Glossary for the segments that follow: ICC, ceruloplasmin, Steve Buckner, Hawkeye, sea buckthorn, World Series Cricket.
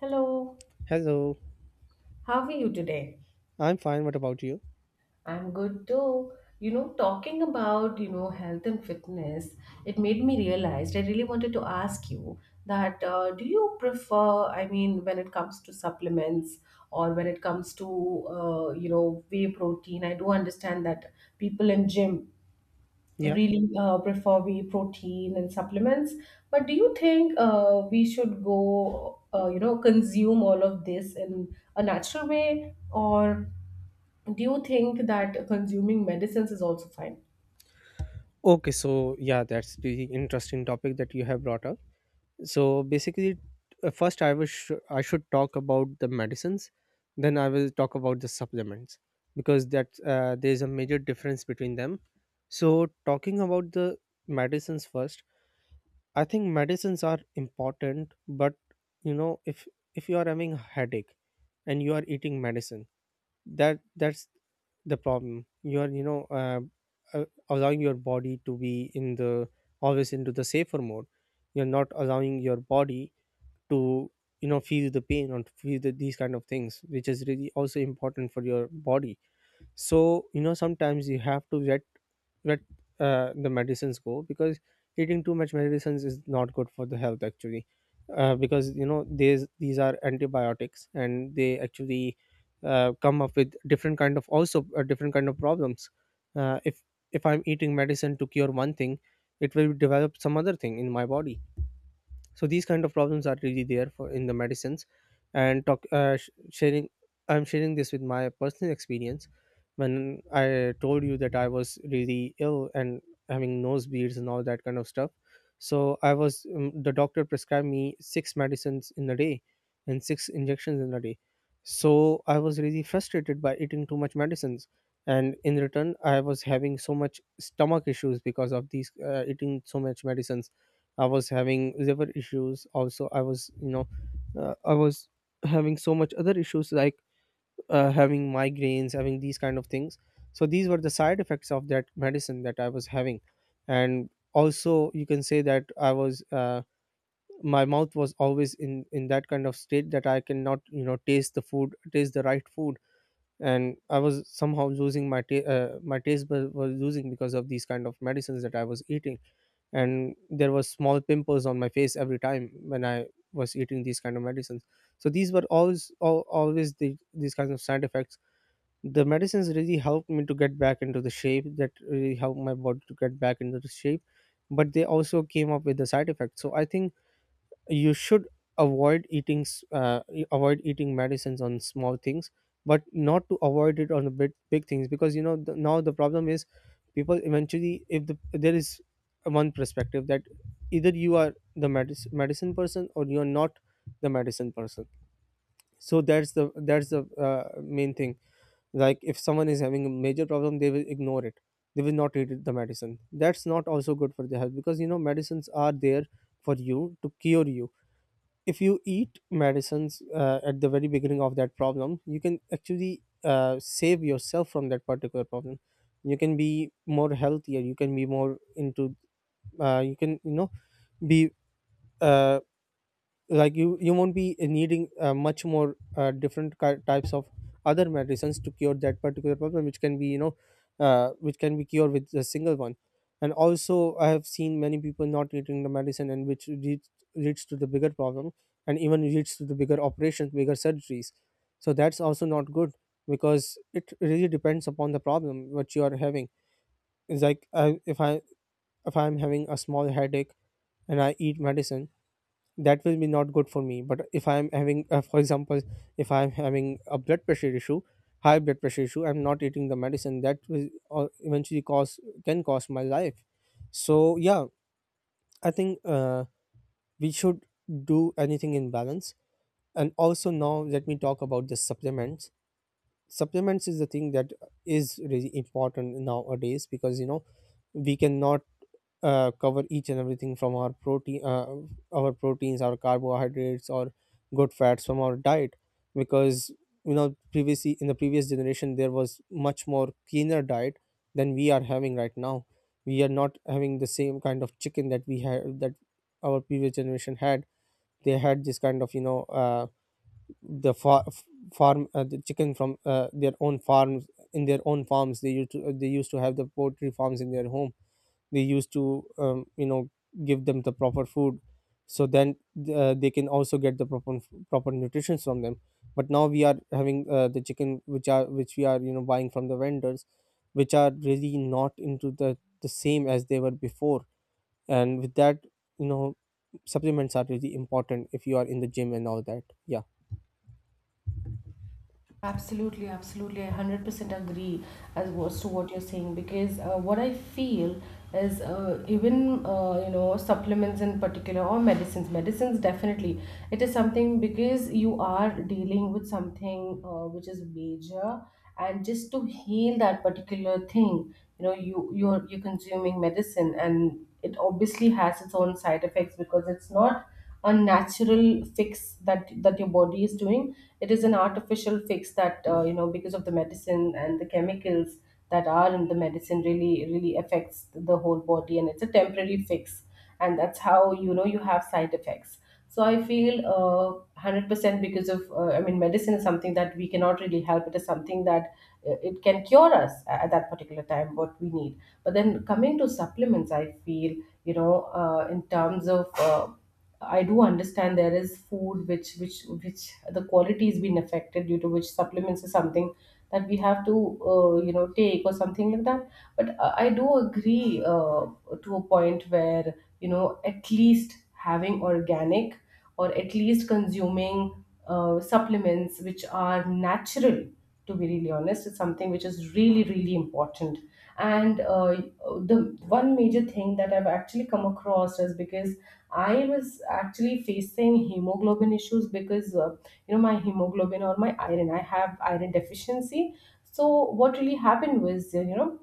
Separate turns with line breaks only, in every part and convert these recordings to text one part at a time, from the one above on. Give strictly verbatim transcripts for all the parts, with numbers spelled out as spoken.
Hello,
Hello,
how are you today?
I'm fine. What about you?
I'm good too. You know, talking about, you know, health and fitness, it made me realize I really wanted to ask you that uh, do you prefer, I mean, when it comes to supplements or when it comes to, uh, you know, whey protein. I do understand that people in gym
Yeah.
really uh, prefer we protein and supplements, but do you think uh, we should go uh, you know consume all of this in a natural way, or do you think that consuming medicines is also fine?
Okay, so yeah, that's the interesting topic that you have brought up. So basically, uh, first I wish I should talk about the medicines, then I will talk about the supplements because that uh, there is a major difference between them. So talking about the medicines first, I think medicines are important, but you know, if if you are having a headache and you are eating medicine that that's the problem. You are you know uh, uh, allowing your body to be in the always into the safer mode. You're not allowing your body to, you know, feel the pain or to feel the, these kind of things, which is really also important for your body. So you know, sometimes you have to let let uh, the medicines go, because eating too much medicines is not good for the health actually. Uh, because you know, these these are antibiotics and they actually uh, come up with different kind of also uh, different kind of problems. Uh, if if I'm eating medicine to cure one thing, it will develop some other thing in my body. So these kind of problems are really there for in the medicines. And talk uh, sh- sharing I'm sharing this with my personal experience. When I told you that I was really ill and having nosebleeds and all that kind of stuff, so I was um, the doctor prescribed me six medicines in a day and six injections in a day. So I was really frustrated by eating too much medicines, and in return I was having so much stomach issues because of these uh, eating so much medicines. I was having liver issues also. I was you know, uh, I was having so much other issues like uh, having migraines, having these kind of things. So these were the side effects of that medicine that I was having. And also you can say that I was uh, my mouth was always in in that kind of state that I cannot, you know, taste the food, taste the right food. And I was somehow losing my ta- uh, my taste bud was losing because of these kind of medicines that I was eating. And there was small pimples on my face every time when I was eating these kind of medicines. So these were always al- always the, these kinds of side effects. The medicines really helped me to get back into the shape, that really helped my body to get back into the shape, but they also came up with the side effects. So I think you should avoid eating s- uh, you avoid eating medicines on small things, but not to avoid it on the big, big things. Because you know the, now the problem is, people eventually if the, there is one perspective that either you are the medicine, medicine person or you are not the medicine person. So that's the that's the uh, main thing. Like if someone is having a major problem, they will ignore it. They will not eat it- the medicine. That's not also good for the health, because you know medicines are there for you to cure you. If you eat medicines uh, at the very beginning of that problem, you can actually uh, save yourself from that particular problem. You can be more healthier, you can be more into, uh, you can you know be, uh, like you you won't be needing uh, much more uh, different ki- types of other medicines to cure that particular problem, which can be, you know, uh, which can be cured with a single one. And also I have seen many people not eating the medicine, and which leads, leads to the bigger problem, and even leads to the bigger operations, bigger surgeries. So that's also not good, because it really depends upon the problem what you are having. It's like I, if I, if I'm having a small headache and I eat medicine, that will be not good for me. But if I'm having, uh, for example, if I'm having a blood pressure issue, high blood pressure issue, I'm not eating the medicine, that will uh, eventually cause, can cost my life. So yeah, I think uh, we should do anything in balance. And also now let me talk about the supplements. Supplements is the thing that is really important nowadays, because you know we cannot uh, cover each and everything from our protein uh, our proteins, our carbohydrates, or good fats from our diet. Because you know previously, in the previous generation, there was much more cleaner diet than we are having right now. We are not having the same kind of chicken that we had, that our previous generation had. They had this kind of, you know, uh, the far, farm uh, the chicken from uh, their own farms. In their own farms, they used to they used to have the poultry farms in their home. We used to, um, you know, give them the proper food, so then uh, they can also get the proper proper nutrition from them. But now we are having uh, the chicken which are, which we are you know buying from the vendors, which are really not into the the same as they were before. And with that, you know, supplements are really important if you are in the gym and all that. Yeah.
Absolutely, absolutely. I one hundred percent agree as was to what you're saying, because uh, what I feel is, uh, even uh, you know supplements in particular, or medicines, medicines definitely, it is something because you are dealing with something uh, which is major. And just to heal that particular thing, you know, you you're you're consuming medicine, and it obviously has its own side effects because it's not a natural fix that that your body is doing. It is an artificial fix that, uh, you know because of the medicine, and the chemicals that are in the medicine really really affects the whole body, and it's a temporary fix, and that's how, you know, you have side effects. So I feel, uh, one hundred percent, because of, uh, I mean, medicine is something that we cannot really help. It is something that uh, it can cure us a- at that particular time what we need. But then, coming to supplements, I feel, you know uh, in terms of uh, I do understand there is food which which which the quality is being affected, due to which supplements is something that we have to, uh, you know take, or something like that. But uh, I do agree, uh, to a point where, you know, at least having organic or at least consuming uh, supplements which are natural. To be really honest, it's something which is really really important. And uh, the one major thing that I've actually come across is because I was actually facing hemoglobin issues because, uh, you know, my hemoglobin, or my iron, I have iron deficiency. So what really happened was, you know,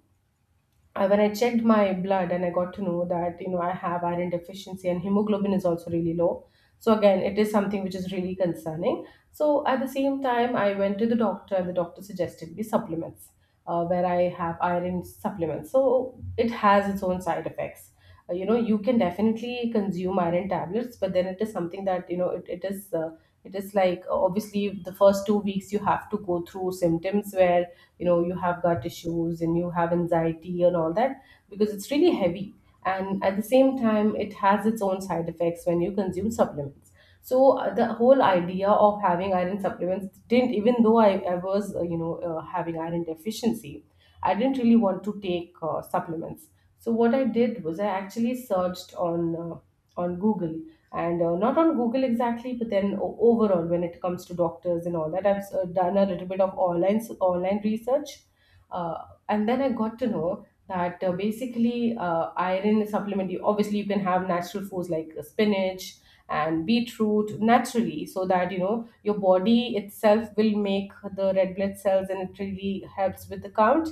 uh, when I checked my blood and I got to know that, you know, I have iron deficiency and hemoglobin is also really low. So again, it is something which is really concerning. So at the same time, I went to the doctor, and the doctor suggested me supplements uh, where I have iron supplements. So it has its own side effects. Uh, you know, you can definitely consume iron tablets, but then it is something that, you know, it, it is. Uh, it is like, uh, obviously, the first two weeks you have to go through symptoms where, you know, you have gut issues, and you have anxiety and all that, because it's really heavy. And at the same time, it has its own side effects when you consume supplements. So uh, the whole idea of having iron supplements didn't, even though i, I was, uh, you know uh, having iron deficiency, I didn't really want to take uh, supplements. So what I did was I actually searched on uh, on Google, and uh, not on Google exactly, but then, o- overall, when it comes to doctors and all that, I've uh, done a little bit of online online research. Uh, and then I got to know that, uh, basically, uh, iron supplement. You obviously, you can have natural foods like uh, spinach and beetroot naturally, so that, you know, your body itself will make the red blood cells, and it really helps with the count.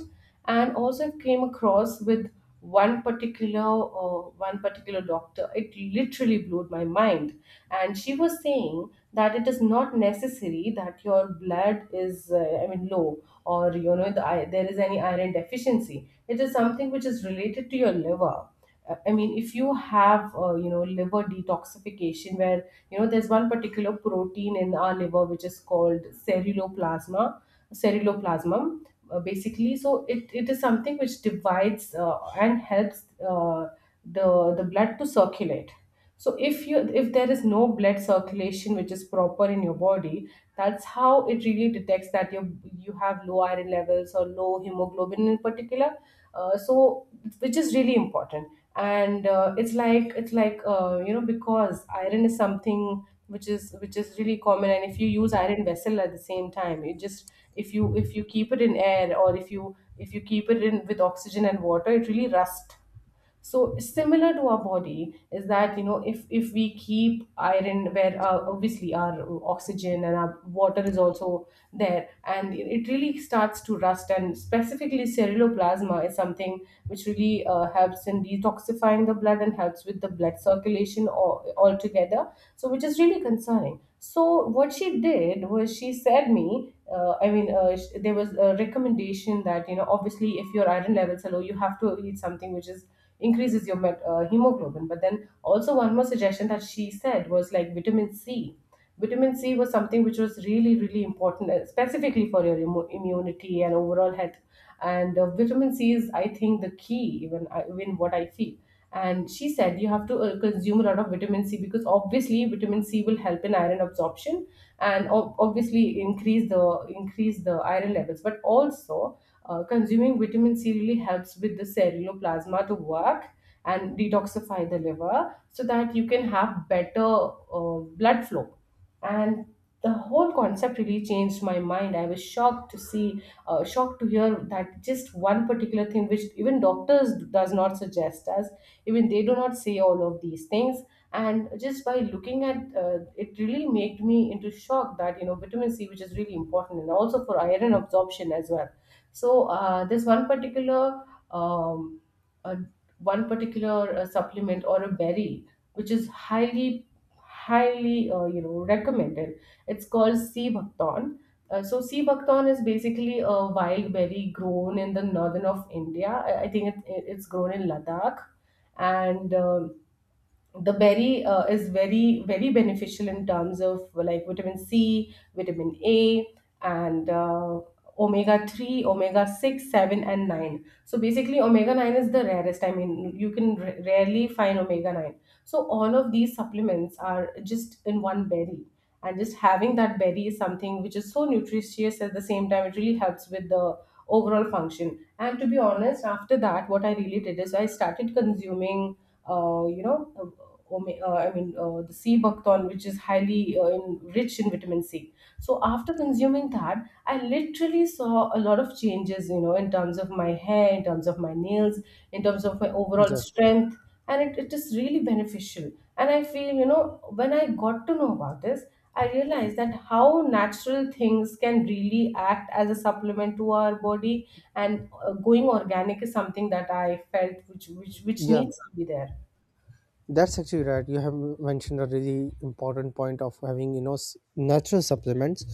And also, I came across with one particular uh, one particular doctor. It literally blew my mind, and she was saying that it is not necessary that your blood is, uh, I mean, low, or, you know, the, i- there is any iron deficiency, it is something which is related to your liver. Uh, I mean, if you have, uh, you know, liver detoxification where, you know, there's one particular protein in our liver which is called ceruloplasma, ceruloplasmum. Uh, basically, so it, it is something which divides uh, and helps, uh, the the blood to circulate. So if you if there is no blood circulation which is proper in your body, that's how it really detects that you you have low iron levels or low hemoglobin in particular. Uh, so, which is really important. And uh, it's like, it's like uh, you know, because iron is something which is, which is really common, and if you use iron vessel at the same time, it just, if you if you keep it in air, or if you if you keep it in with oxygen and water, it really rust. So, similar to our body is that, you know, if if we keep iron where, uh, obviously, our oxygen and our water is also there, and it it really starts to rust. And specifically, ceruloplasma is something which really uh, helps in detoxifying the blood and helps with the blood circulation all, altogether. So, which is really concerning. So what she did was, she said me, uh, I mean, uh, sh- there was a recommendation that, you know, obviously, if your iron levels are low, you have to eat something which is increases your met- uh, hemoglobin. But then, also, one more suggestion that she said was, like, vitamin C. Vitamin C was something which was really really important, uh, specifically for your immu- immunity and overall health. And uh, vitamin C is, I think, the key. Even I- even what I feel. And she said you have to uh, consume a lot of vitamin C, because, obviously, vitamin C will help in iron absorption and, ob- obviously, increase the increase the iron levels, but also, uh, consuming vitamin C really helps with the ceruloplasma to work and detoxify the liver, so that you can have better uh, blood flow. And the whole concept really changed my mind. I was shocked to see, uh, shocked to hear that just one particular thing, which even doctors does not suggest us, even they do not say all of these things. And just by looking at uh, it really made me into shock, that, you know, vitamin C, which is really important, and also for iron absorption as well. So uh, there's one particular um, uh, one particular uh, supplement, or a berry, which is highly highly uh, you know, recommended. It's called sea buckthorn. Uh, so, sea buckthorn is basically a wild berry grown in the northern of India. I I think it, it- it's grown in Ladakh. And um the berry uh, is very very beneficial in terms of, like, vitamin C, vitamin A, and uh, omega three, omega six seven and nine. So basically, omega nine is the rarest. I mean, you can r- rarely find omega nine. So all of these supplements are just in one berry, and just having that berry is something which is so nutritious. At the same time, it really helps with the overall function. And to be honest, after that, what I really did is I started consuming, uh, you know, uh, ome- uh, I mean, uh, the sea buckthorn, which is highly, uh, in, rich in vitamin C. So after consuming that, I literally saw a lot of changes, you know, in terms of my hair, in terms of my nails, in terms of my overall
Yeah.
strength, and it, it is really beneficial. And I feel, you know, when I got to know about this, I realized that how natural things can really act as a supplement to our body, and uh, going organic is something that I felt which which which
Yeah,
needs to be there.
that's actually right. You have mentioned a really important point of having, you know, s- natural supplements,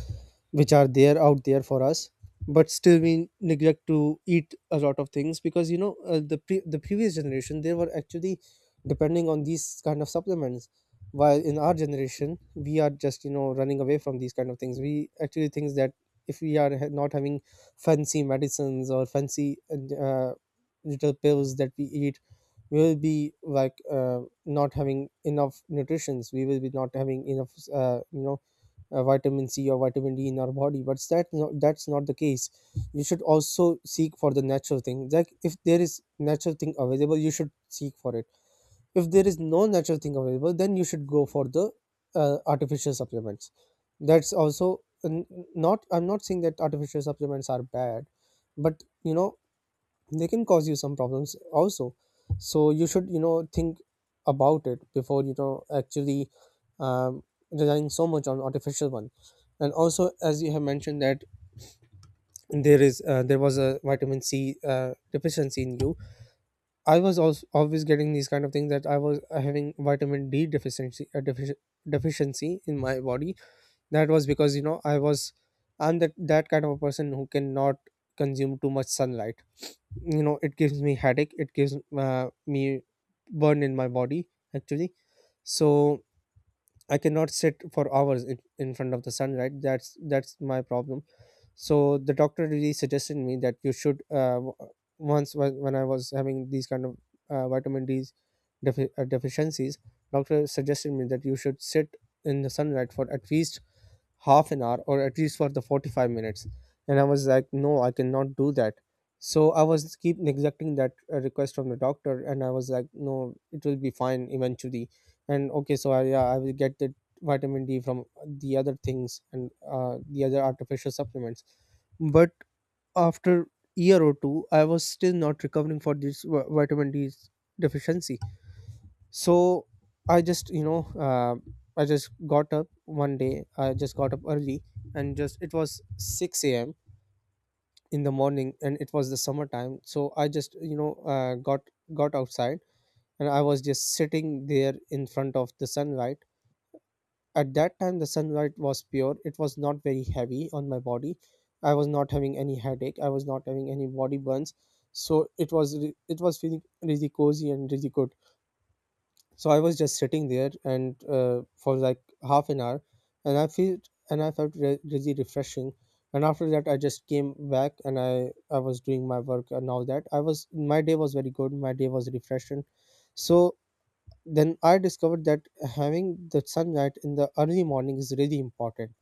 which are there out there for us, but still we neglect to eat a lot of things. Because you know uh, the pre- the previous generation, they were actually depending on these kind of supplements, while in our generation we are just, you know, running away from these kind of things. We actually think that if we are ha- not having fancy medicines or fancy uh, little pills that we eat, we will be like, Uh, not having enough nutritions, we will be not having enough uh, you know, uh, vitamin c or vitamin d in our body. But that, no, that's not the case. You should also seek for the natural thing. Like if there is natural thing available, you should seek for it. If there is no natural thing available, then you should go for the uh, artificial supplements. That's also, n- not I'm not saying that artificial supplements are bad, but you know they can cause you some problems also. So you should, you know, think about it before, you know, actually, um, relying so much on artificial one. And also, as you have mentioned that there is uh, there was a vitamin c uh, deficiency in you, I was also always getting these kind of things, that i was uh, having vitamin d deficiency uh, defici- deficiency in my body. That was because you know I was, I'm that that kind of a person who cannot consume too much sunlight. You know it gives me headache, it gives uh, me burn in my body actually. So I cannot sit for hours in, in front of the sun, right? That's that's my problem. So the doctor really suggested me that you should uh, w- once when, when I was having these kind of uh, vitamin d defi- uh, deficiencies, doctor suggested me that you should sit in the sunlight for at least half an hour, or at least for the forty-five minutes. And I was like, no, I cannot do that. So I was keep neglecting that uh, request from the doctor, and I was like, no, it will be fine eventually. And okay, so I, yeah, I will get the vitamin d from the other things and uh, the other artificial supplements. But after year or two, I was still not recovering for this vi- vitamin d deficiency. So I just you know, uh, I just got up one day, I just got up early, and just it was six a.m in the morning, and it was the summertime. So I just, you know, uh, got got outside, and I was just sitting there in front of the sunlight. At that time the sunlight was pure, it was not very heavy on my body. I was not having any headache, I was not having any body burns. So it was re- it was feeling really cozy and really good. So I was just sitting there and uh, for like half an hour, and I feel and I felt re- really refreshing. And after that, I just came back and I I was doing my work and all that. I was, my day was very good. My day was refreshing. So then I discovered that having the sunlight in the early morning is really important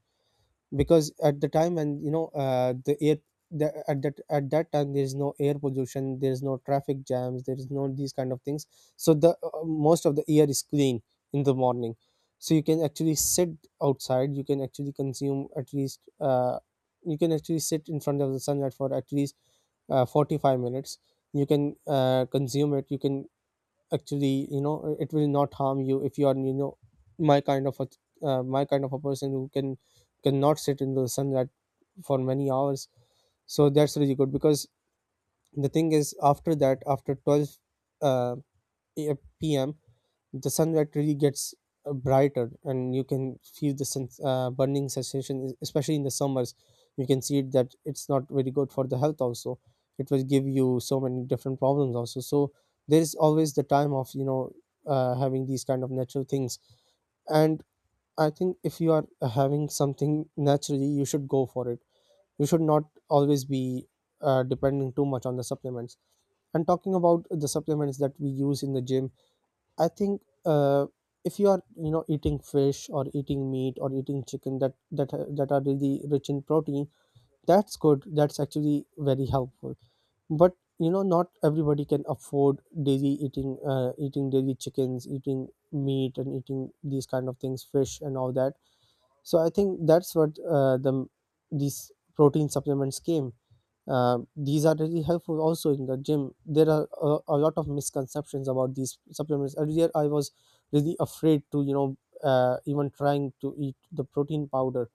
because at the time and you know uh, the air the, at that at that time there is no air pollution, there is no traffic jams, there is no these kind of things, so the uh, most of the air is clean in the morning. So you can actually sit outside, you can actually consume at least uh, you can actually sit in front of the sunlight for at least uh, forty-five minutes. You can uh, consume it. You can actually, you know, it will not harm you if you are, you know, my kind of a uh, my kind of a person who can cannot sit in the sun that for many hours. So that's really good, because the thing is, after that, after twelve uh, a- pm, the sun really gets uh, brighter, and you can feel the sun uh, burning sensation, es- especially in the summers. You can see it that it's not very good for the health also, it will give you so many different problems also. So there is always the time of, you know, uh, having these kind of natural things. And I think if you are uh, having something naturally, you should go for it. You should not always be uh, depending too much on the supplements. And talking about the supplements that we use in the gym, I think uh, if you are, you know, eating fish or eating meat or eating chicken that that are- that are really rich in protein, that's good. That's actually very helpful. But you know, not everybody can afford daily eating uh, eating daily chickens, eating meat, and eating these kind of things, fish, and all that. So I think that's what uh, the these protein supplements came. Uh, these are really helpful also in the gym. There are a, a lot of misconceptions about these supplements. Earlier, I was really afraid to, you know, uh, even trying to eat the protein powder,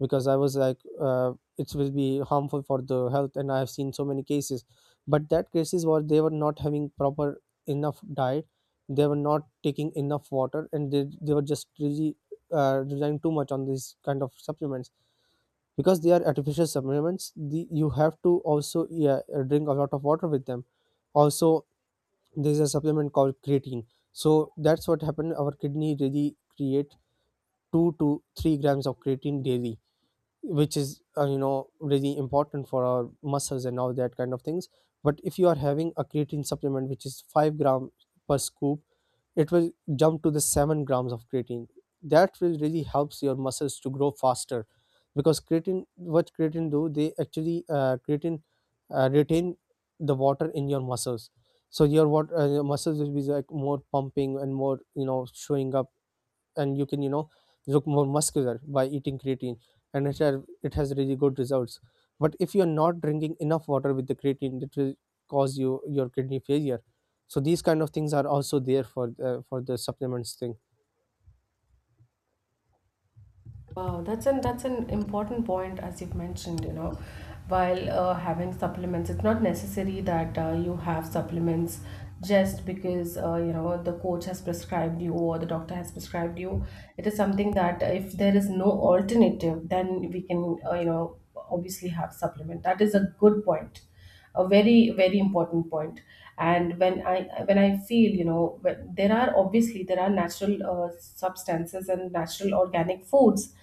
because I was like uh, it will be harmful for the health, and I have seen so many cases. But that cases were, they were not having proper enough diet, they were not taking enough water, and they they were just really uh, relying too much on these kind of supplements, because they are artificial supplements. The, you have to also, yeah, uh, drink a lot of water with them also. There's a supplement called creatine. So that's what happened: our kidney really create two to three grams of creatine daily, which is uh, you know, really important for our muscles and all that kind of things. But if you are having a creatine supplement which is five gram per scoop, it will jump to the seven grams of creatine. That will really helps your muscles to grow faster, because creatine, what creatine do, they actually uh, creatine uh, retain the water in your muscles. So your water uh, your muscles will be like more pumping and more, you know, showing up, and you can, you know, look more muscular by eating creatine. And it, have, it has really good results. But if you're not drinking enough water with the creatine, it will cause you your kidney failure. So these kind of things are also there for uh, for the supplements thing.
Wow, that's an that's an important point, as you've mentioned, you know. While uh, having supplements, it's not necessary that uh, you have supplements just because, uh, you know, the coach has prescribed you or the doctor has prescribed you. It is something that, if there is no alternative, then we can uh, you know obviously have supplement. That is a good point, a very very important point. And when i when I feel, you know, when- there are obviously, there are natural uh, substances and natural organic foods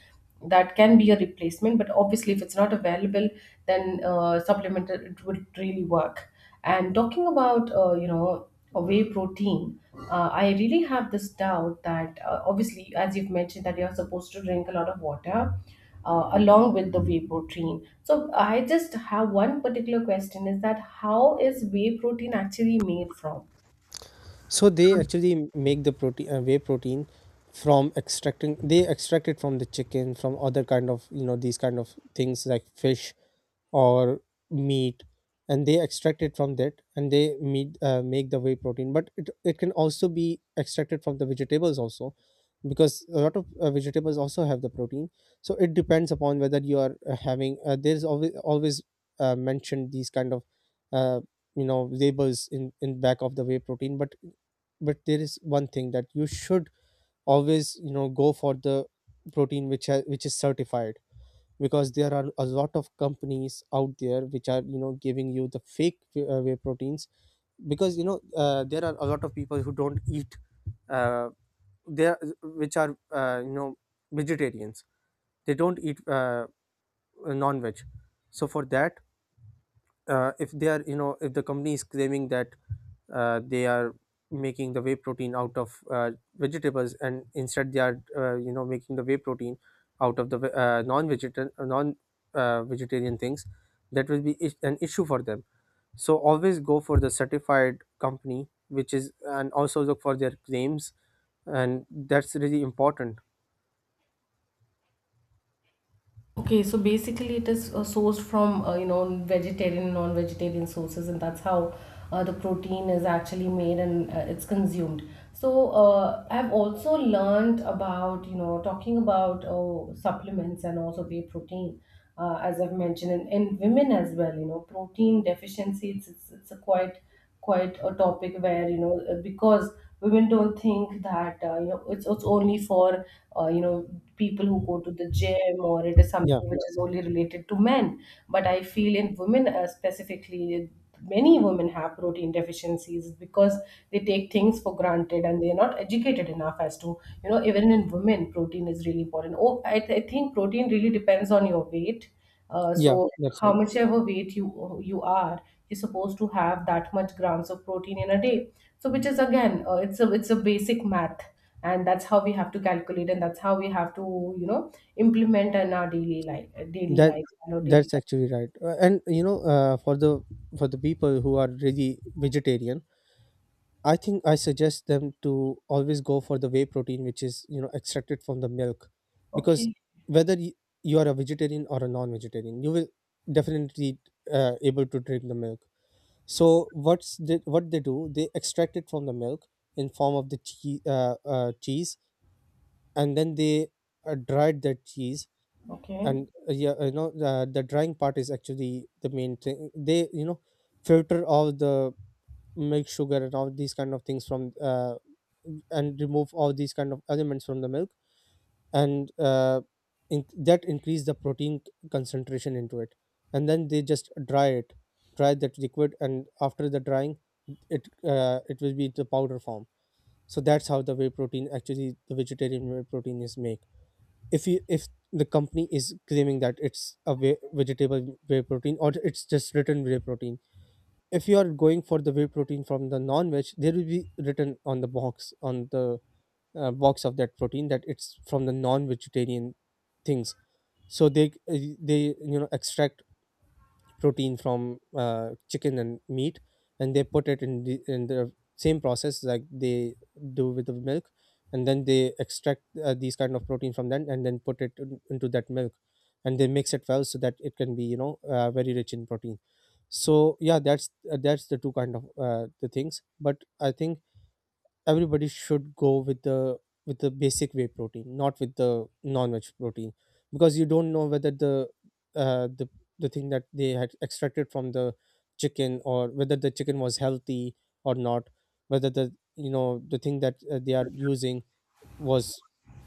that can be a replacement, but obviously, if it's not available, then uh, supplement, it would really work. And talking about, uh, you know, a whey protein, uh, I really have this doubt that, uh, obviously, as you've mentioned, that you're supposed to drink a lot of water uh, along with the whey protein. So I just have one particular question: is that how is whey protein actually made from?
So they actually make the protein uh, whey protein from extracting, they extract it from the chicken, from other kind of, you know, these kind of things like fish or meat. And they extract it from that and they meet, uh, make the whey protein. But it, it can also be extracted from the vegetables also, because a lot of uh, vegetables also have the protein. So it depends upon whether you are uh, having uh, there's always always uh, mentioned these kind of uh, you know, labels in in back of the whey protein. but but there is one thing that you should always, you know, go for the protein which ha- which is certified, because there are a lot of companies out there which are, you know, giving you the fake whey uh, whey proteins. Because you know, uh, there are a lot of people who don't eat uh, there which are uh, you know, vegetarians. They don't eat uh, non-veg. So for that, uh, if they are, you know, if the company is claiming that uh, they are making the whey protein out of uh, vegetables, and instead they are, uh, you know, making the whey protein out of the ve- uh, non-vegetarian non uh, vegetarian things, that will be is- an issue for them. So always go for the certified company which is, and also look for their claims, and that's really important.
Okay, so basically it is uh, sourced from, uh, you know, vegetarian, non-vegetarian sources, and that's how uh, the protein is actually made, and uh, it's consumed. So uh, I've also learned about you know talking about uh, supplements and also whey protein, uh, as I've mentioned, and in women as well. You know, protein deficiency it's it's, it's a quite quite a topic where you know uh, because women don't think that uh, you know it's, it's only for uh, you know people who go to the gym, or it is
Yeah,
something which is only related to men. But I feel in women uh, specifically many women have protein deficiencies because they take things for granted, and they're not educated enough as to, you know, even in women protein is really important. oh i, th- I think protein really depends on your weight. uh,
yeah,
so
that's
how
all.
much ever weight you you are, you're supposed to have that much grams of protein in a day. So which is again, uh, it's a it's a basic math, and that's how we have to calculate, and that's how we have to, you know implement in our daily life, uh, daily
That
lifestyle or daily
that's
time.
actually right. Uh, and you know, uh, for the for the people who are really vegetarian, I think I suggest them to always go for the whey protein which is, you know, extracted from the milk. Because
Okay,
whether y- you are a vegetarian or a non-vegetarian, you will definitely uh, able to drink the milk. So what's the, what they do, they extract it from the milk in form of the cheese, uh, uh, cheese, and then they uh, dried that cheese.
okay.
And uh, yeah, you know, the, the drying part is actually the main thing. They, you know, filter all the milk sugar and all these kind of things from uh, and remove all these kind of elements from the milk. And uh, in, that increase the protein c- concentration into it, and then they just dry it, dry that liquid, and after the drying, it uh, it will be the powder form. So that's how the whey protein actually, the vegetarian whey protein, is made. If you if the company is claiming that it's a whey, vegetable whey protein, or it's just written whey protein, if you are going for the whey protein from the non-veg, there will be written on the box, on the uh, box of that protein, that it's from the non-vegetarian things. So they uh, they, you know, extract protein from uh, chicken and meat, and they put it in the, in the same process like they do with the milk. And then they extract uh, these kind of protein from them and then put it in, into that milk, and they mix it well so that it can be, you know, uh, very rich in protein. So yeah, that's uh, that's the two kind of uh, the things. But I think everybody should go with the with the basic whey protein, not with the non-veg protein, because you don't know whether the uh, the the thing that they had extracted from the chicken, or whether the chicken was healthy or not, whether the, you know, the thing that uh, they are using was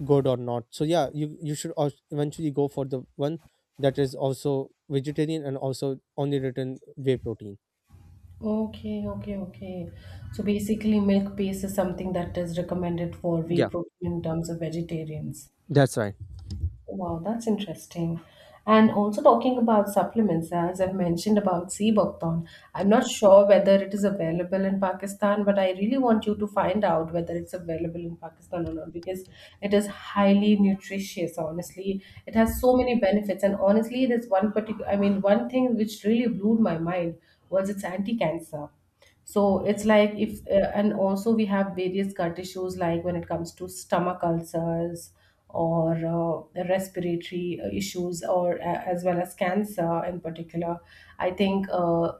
good or not. So yeah, you you should al- eventually go for the one that is also vegetarian and also only written whey protein.
Okay, okay, okay. So basically, milk base is something that is recommended for whey
Yeah,
protein in terms of vegetarians.
that's right.
Wow, that's interesting. And also talking about supplements, as I've mentioned about Seabuckthorn, I'm not sure whether it is available in Pakistan, but I really want you to find out whether it's available in Pakistan or not, because it is highly nutritious, honestly. It has so many benefits. And honestly, there's one particular, I mean, one thing which really blew my mind was its anti-cancer. So it's like, if uh, and also we have various gut issues like when it comes to stomach ulcers or uh, respiratory uh, issues, or uh, as well as cancer in particular. I think, uh,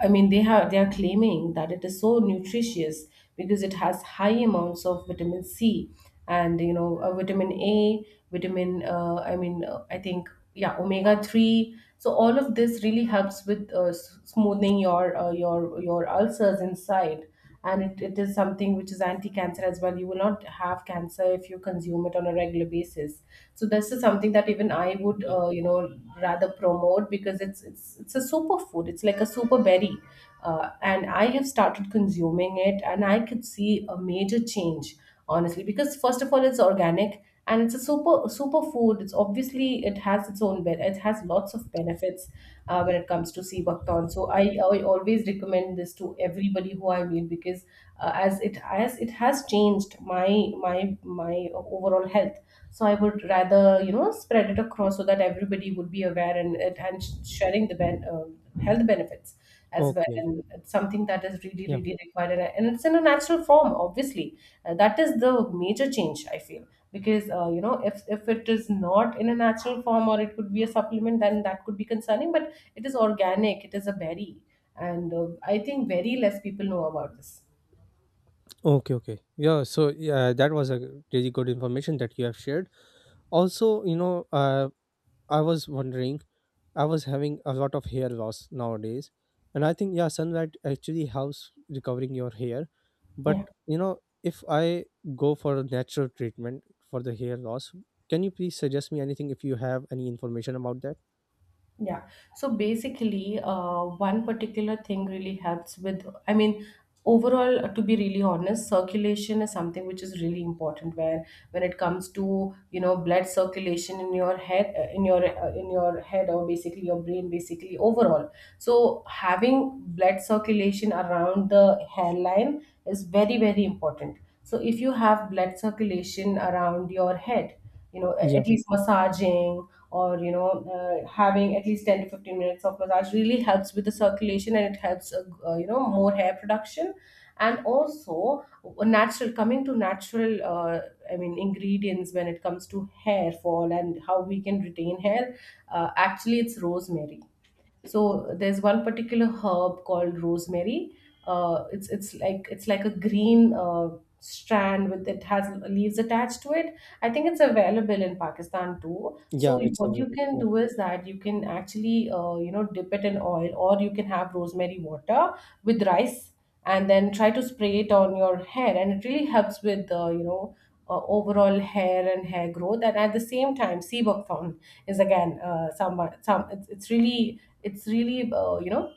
i mean they have, they are claiming that it is so nutritious because it has high amounts of vitamin C, and you know uh, vitamin A, vitamin uh, i mean uh, I think, yeah, omega three. So all of this really helps with uh, s- smoothing your uh, your your ulcers inside. And it, it is something which is anti-cancer as well. You will not have cancer if you consume it on a regular basis. So this is something that even I would
Okay,
uh, you know rather promote because it's it's it's a superfood, it's like a super berry. Uh, and I have started consuming it, and I could see a major change, honestly, because first of all, it's organic, and it's a super super food. It's obviously, it has its own be- it has lots of benefits uh, when it comes to seabaktan. So I, I always recommend this to everybody who I meet because uh, as it as it has changed my my my overall health. So I would rather, you know, spread it across so that everybody would be aware, and and and sh- sharing the ben- uh, health benefits as well.
okay,
And it's something that is really
yeah.
really required, and and it's in a natural form, obviously. Uh, that is the major change I feel, because uh, you know if if it is not in a natural form, or it could be a supplement, then that could be concerning. But it is organic, it is a berry. And uh, I think very less people know about this.
Okay, okay. Yeah, so yeah, that was a g- really good information that you have shared. Also, you know, uh, I was wondering, I was having a lot of hair loss nowadays, and I think, yeah, sunlight actually helps recovering your hair. But
Yeah.
you know, if I go for a natural treatment for the hair loss, can you please suggest me anything if you have any information about that?
Yeah. So basically, uh, one particular thing really helps with, I mean, overall, uh, to be really honest, circulation is something which is really important when when it comes to, you know, blood circulation in your head, uh, in your, uh, in your head, or basically your brain, basically overall. So having blood circulation around the hairline is very, very important. So if you have blood circulation around your head, you know, a-
Yeah,
at least massaging, or you know uh, having at least ten to fifteen minutes of massage really helps with the circulation, and it helps uh, uh, you know more hair production. And also uh, natural, coming to natural uh, i mean ingredients when it comes to hair fall and how we can retain hair, uh, actually it's rosemary. So there's one particular herb called rosemary. Uh, it's it's like, it's like a green uh, strand with, it has leaves attached to it. I think it's available in Pakistan too.
yeah,
So
it's
what you
available.
can
Yeah.
do is that you can actually, uh, you know dip it in oil, or you can have rosemary water with rice, and then try to spray it on your hair, and it really helps with the, you know, uh, overall hair and hair growth. And at the same time, sea buckthorn is again uh, some some it's, it's really, it's really uh, you know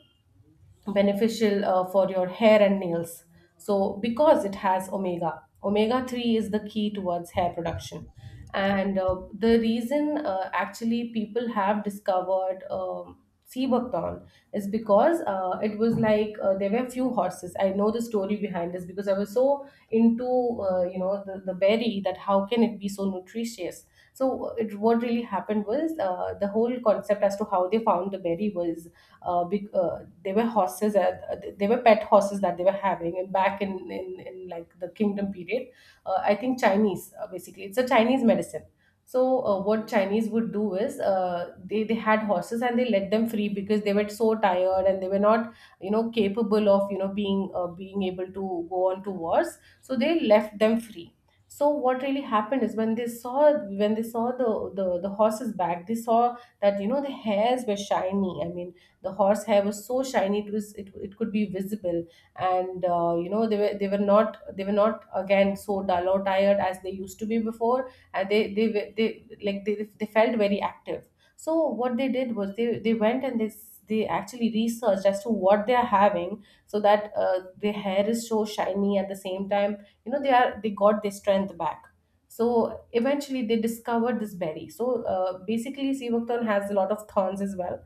beneficial uh, for your hair and nails. So, because it has omega, omega three is the key towards hair production. And uh, the reason, uh, actually people have discovered um Seabuckthorn is because uh, it was like uh, there were few horses. I know the story behind this because I was so into, uh, you know the, the berry, that how can it be so nutritious. So it, what really happened was, uh, the whole concept as to how they found the berry was uh, be, uh, they were horses that uh, they were pet horses that they were having, and back in, in, in like the kingdom period. uh, I think Chinese, uh, basically it's a Chinese medicine. So uh, what Chinese would do is, uh, they, they had horses and they let them free because they were so tired, and they were not, you know, capable of, you know, being uh, being able to go on to wars, so they left them free. So what really happened is, when they saw, when they saw the the, the horses back, they saw that, you know, the hairs were shiny. I mean, the horse hair was so shiny, it was it, it could be visible. And uh, you know they were, they were not, they were not again so dull or tired as they used to be before, and they they were- they, like they, they felt very active. So what they did was, they they went and they s- they actually researched as to what they are having, so that uh, their hair is so shiny. At the same time, you know, they are, they got their strength back. So eventually they discovered this berry. So uh, basically sea buckthorn has a lot of thorns as well.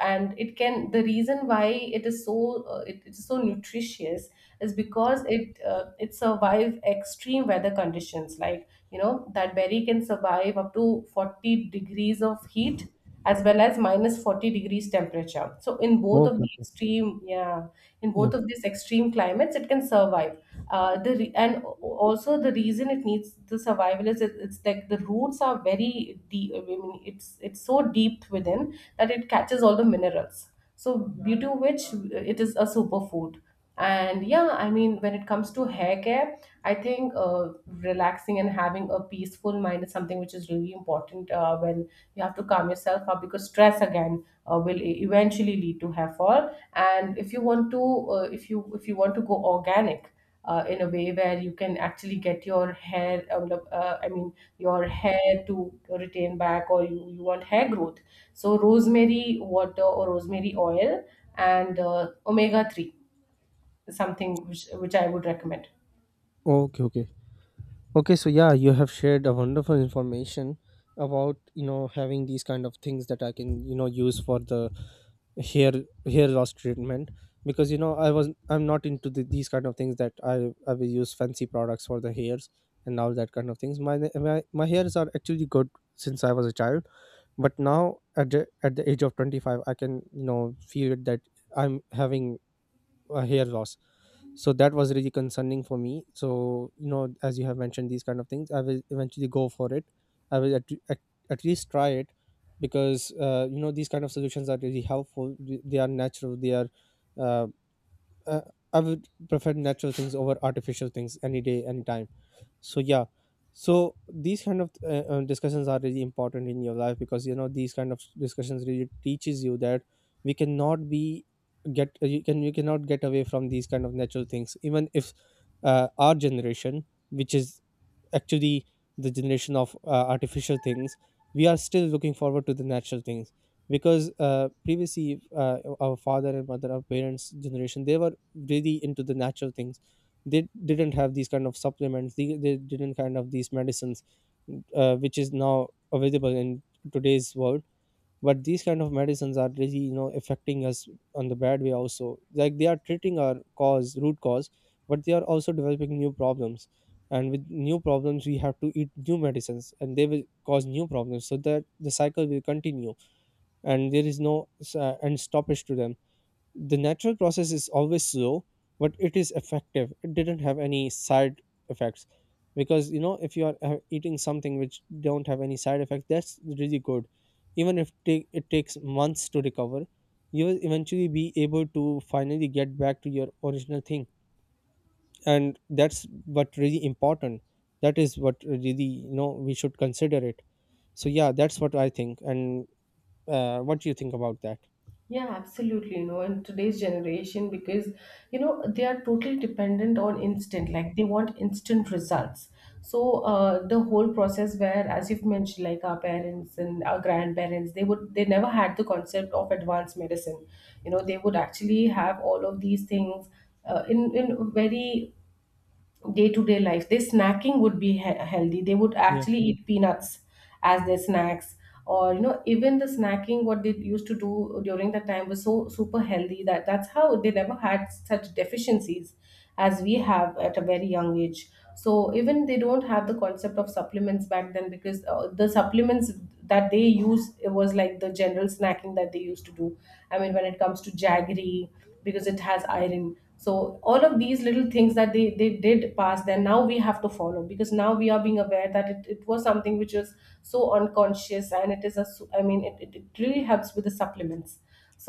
And it can, the reason why it is so uh, it, it is so nutritious is because it uh, it survive extreme weather conditions, like, you know, that berry can survive up to forty degrees of heat, as well as minus forty degrees temperature. So in both of
Okay,
the
okay.
extreme, yeah, in
Yeah.
both of these extreme climates, it can survive. Uh, the re- and also the reason it needs the survival is it, it's like the roots are very deep. I mean, it's it's so deep within, that it catches all the minerals. So due to which, it is a superfood. And yeah, I mean, when it comes to hair care, I think uh, relaxing and having a peaceful mind is something which is really important, uh, when you have to calm yourself up, because stress again uh, will e- eventually lead to hair fall. And if you want to, uh, if you if you want to go organic, uh, in a way where you can actually get your hair um, uh, i mean your hair to retain back, or you, you want hair growth. So rosemary water or rosemary oil, and uh, omega three, something which, which I would recommend.
Okay, okay. Okay, so yeah, you have shared a wonderful information about, you know, having these kind of things that I can, you know, use for the hair hair loss treatment. Because you know, I was, I'm not into the, these kind of things that I I will use fancy products for the hairs and all that kind of things. My my, my hairs are actually good since I was a child, but now at the, at the age of twenty-five, I can, you know, feel that I'm having uh, hair loss. So that was really concerning for me. So you know, as you have mentioned these kind of things, I will eventually go for it. I will at, at, at least try it, because uh, you know, these kind of solutions are really helpful. they they are natural, they are uh, uh, I would prefer natural things over artificial things any day, any time. So yeah, so these kind of uh, uh, discussions are really important in your life, because you know, these kind of discussions really teaches you that we cannot be get uh, you can you cannot get away from these kind of natural things, even if uh, our generation, which is actually the generation of uh, artificial things, we are still looking forward to the natural things. Because uh, previously, uh, our father and mother, our parents generation, they were really into the natural things. They didn't have these kind of supplements, they, they didn't kind of these medicines, uh, which is now available in today's world. But these kind of medicines are really, you know, affecting us on the bad way also, like they are treating our cause root cause, but they are also developing new problems. And with new problems we have to eat new medicines, and they will cause new problems, so that the cycle will continue, and there is no s- uh, end stoppage to them. The natural process is always slow, but it is effective. It didn't have any side effects, because you know, if you are uh, eating something which don't have any side effects, that's really good. Even if take, it takes months to recover, you will eventually be able to finally get back to your original thing. And that's what really important, that is what really, you know, we should consider it. So yeah, that's what I think. And uh, what do you think about that?
Yeah, absolutely. You know, in today's generation, because you know they are totally dependent on instant. Like they want instant results. So uh, the whole process, where, as you've mentioned, like our parents and our grandparents, they would, they never had the concept of advanced medicine. You know, they would actually have all of these things uh, in in very day-to-day life. Their snacking would be he- healthy. They would
Yeah,
actually eat peanuts as their snacks, or, you know, even the snacking what they used to do during that time was so super healthy, that that's how they never had such deficiencies as we have at a very young age. So even they don't have the concept of supplements back then, because uh, the supplements that they use, it was like the general snacking that they used to do. I mean, when it comes to jaggery, because it has iron. So all of these little things that they, they did pass then, now we have to follow, because now we are being aware, that it, it was something which was so unconscious, and it is a su- i mean it, it, it really helps with the supplements.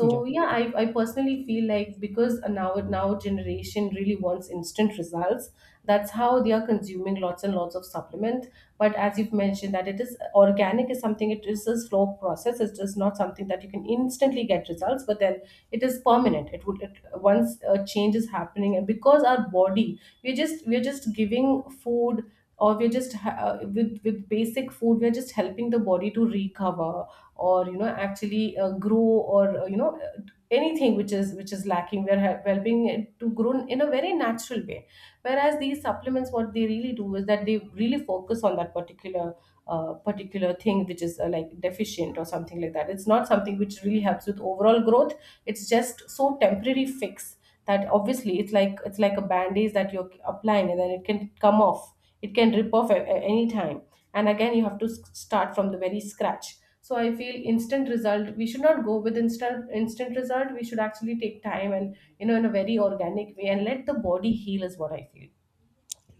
yeah.
yeah, i, I personally feel like, because now now generation really wants instant results. That's how they are consuming lots and lots of supplement. But as you've mentioned, that it is organic is something, it is a slow process, it is not something that you can instantly get results. But then it is permanent, it would, it, once a change is happening, and because our body, we're just we're just giving food, or we're just ha- uh, with with basic food we're just helping the body to recover, or you know actually uh, grow, or uh, you know uh, anything which is, which is lacking, we're hel- helping it to grow in a very natural way. Whereas these supplements, what they really do is that they really focus on that particular uh, particular thing which is uh, like deficient or something like that. It's not something which really helps with overall growth. It's just so temporary fix, that obviously it's like, it's like a bandage that you're applying, and then it can come off, it can rip off at, at any time. And again you have to s- start from the very scratch. So I feel instant result, we should not go with instant, instant result. We should actually take time, and you know, in a very organic way, and let the body heal, is what I feel.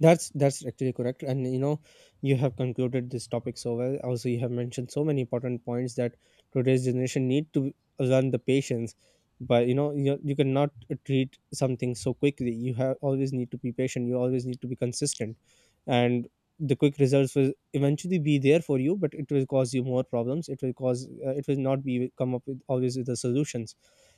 That's that's actually correct. And you know, you have concluded this topic so well. Also, you have mentioned so many important points that today's generation need to learn the patience. But you know, you you cannot treat something so quickly. You have always need to be patient. You always need to be consistent, and the quick results will eventually be there for you, but it will cause you more problems. It will cause, uh, it will not be come up with always with the solutions.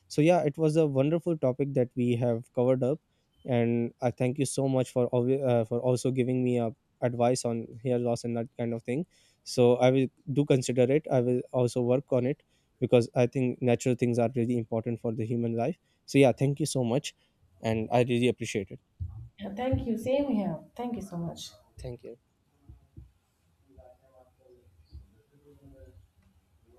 So yeah, it was a wonderful topic that we have covered up, and I thank you so much for alwa- uh, for also giving me a advice on hair loss and that kind of thing. So I will do consider it. I will also work on it, because I think natural things are really important for the human life. So yeah, thank you so much, and I really appreciate it.
Yeah, thank you, same here, thank you so much.
Thank you.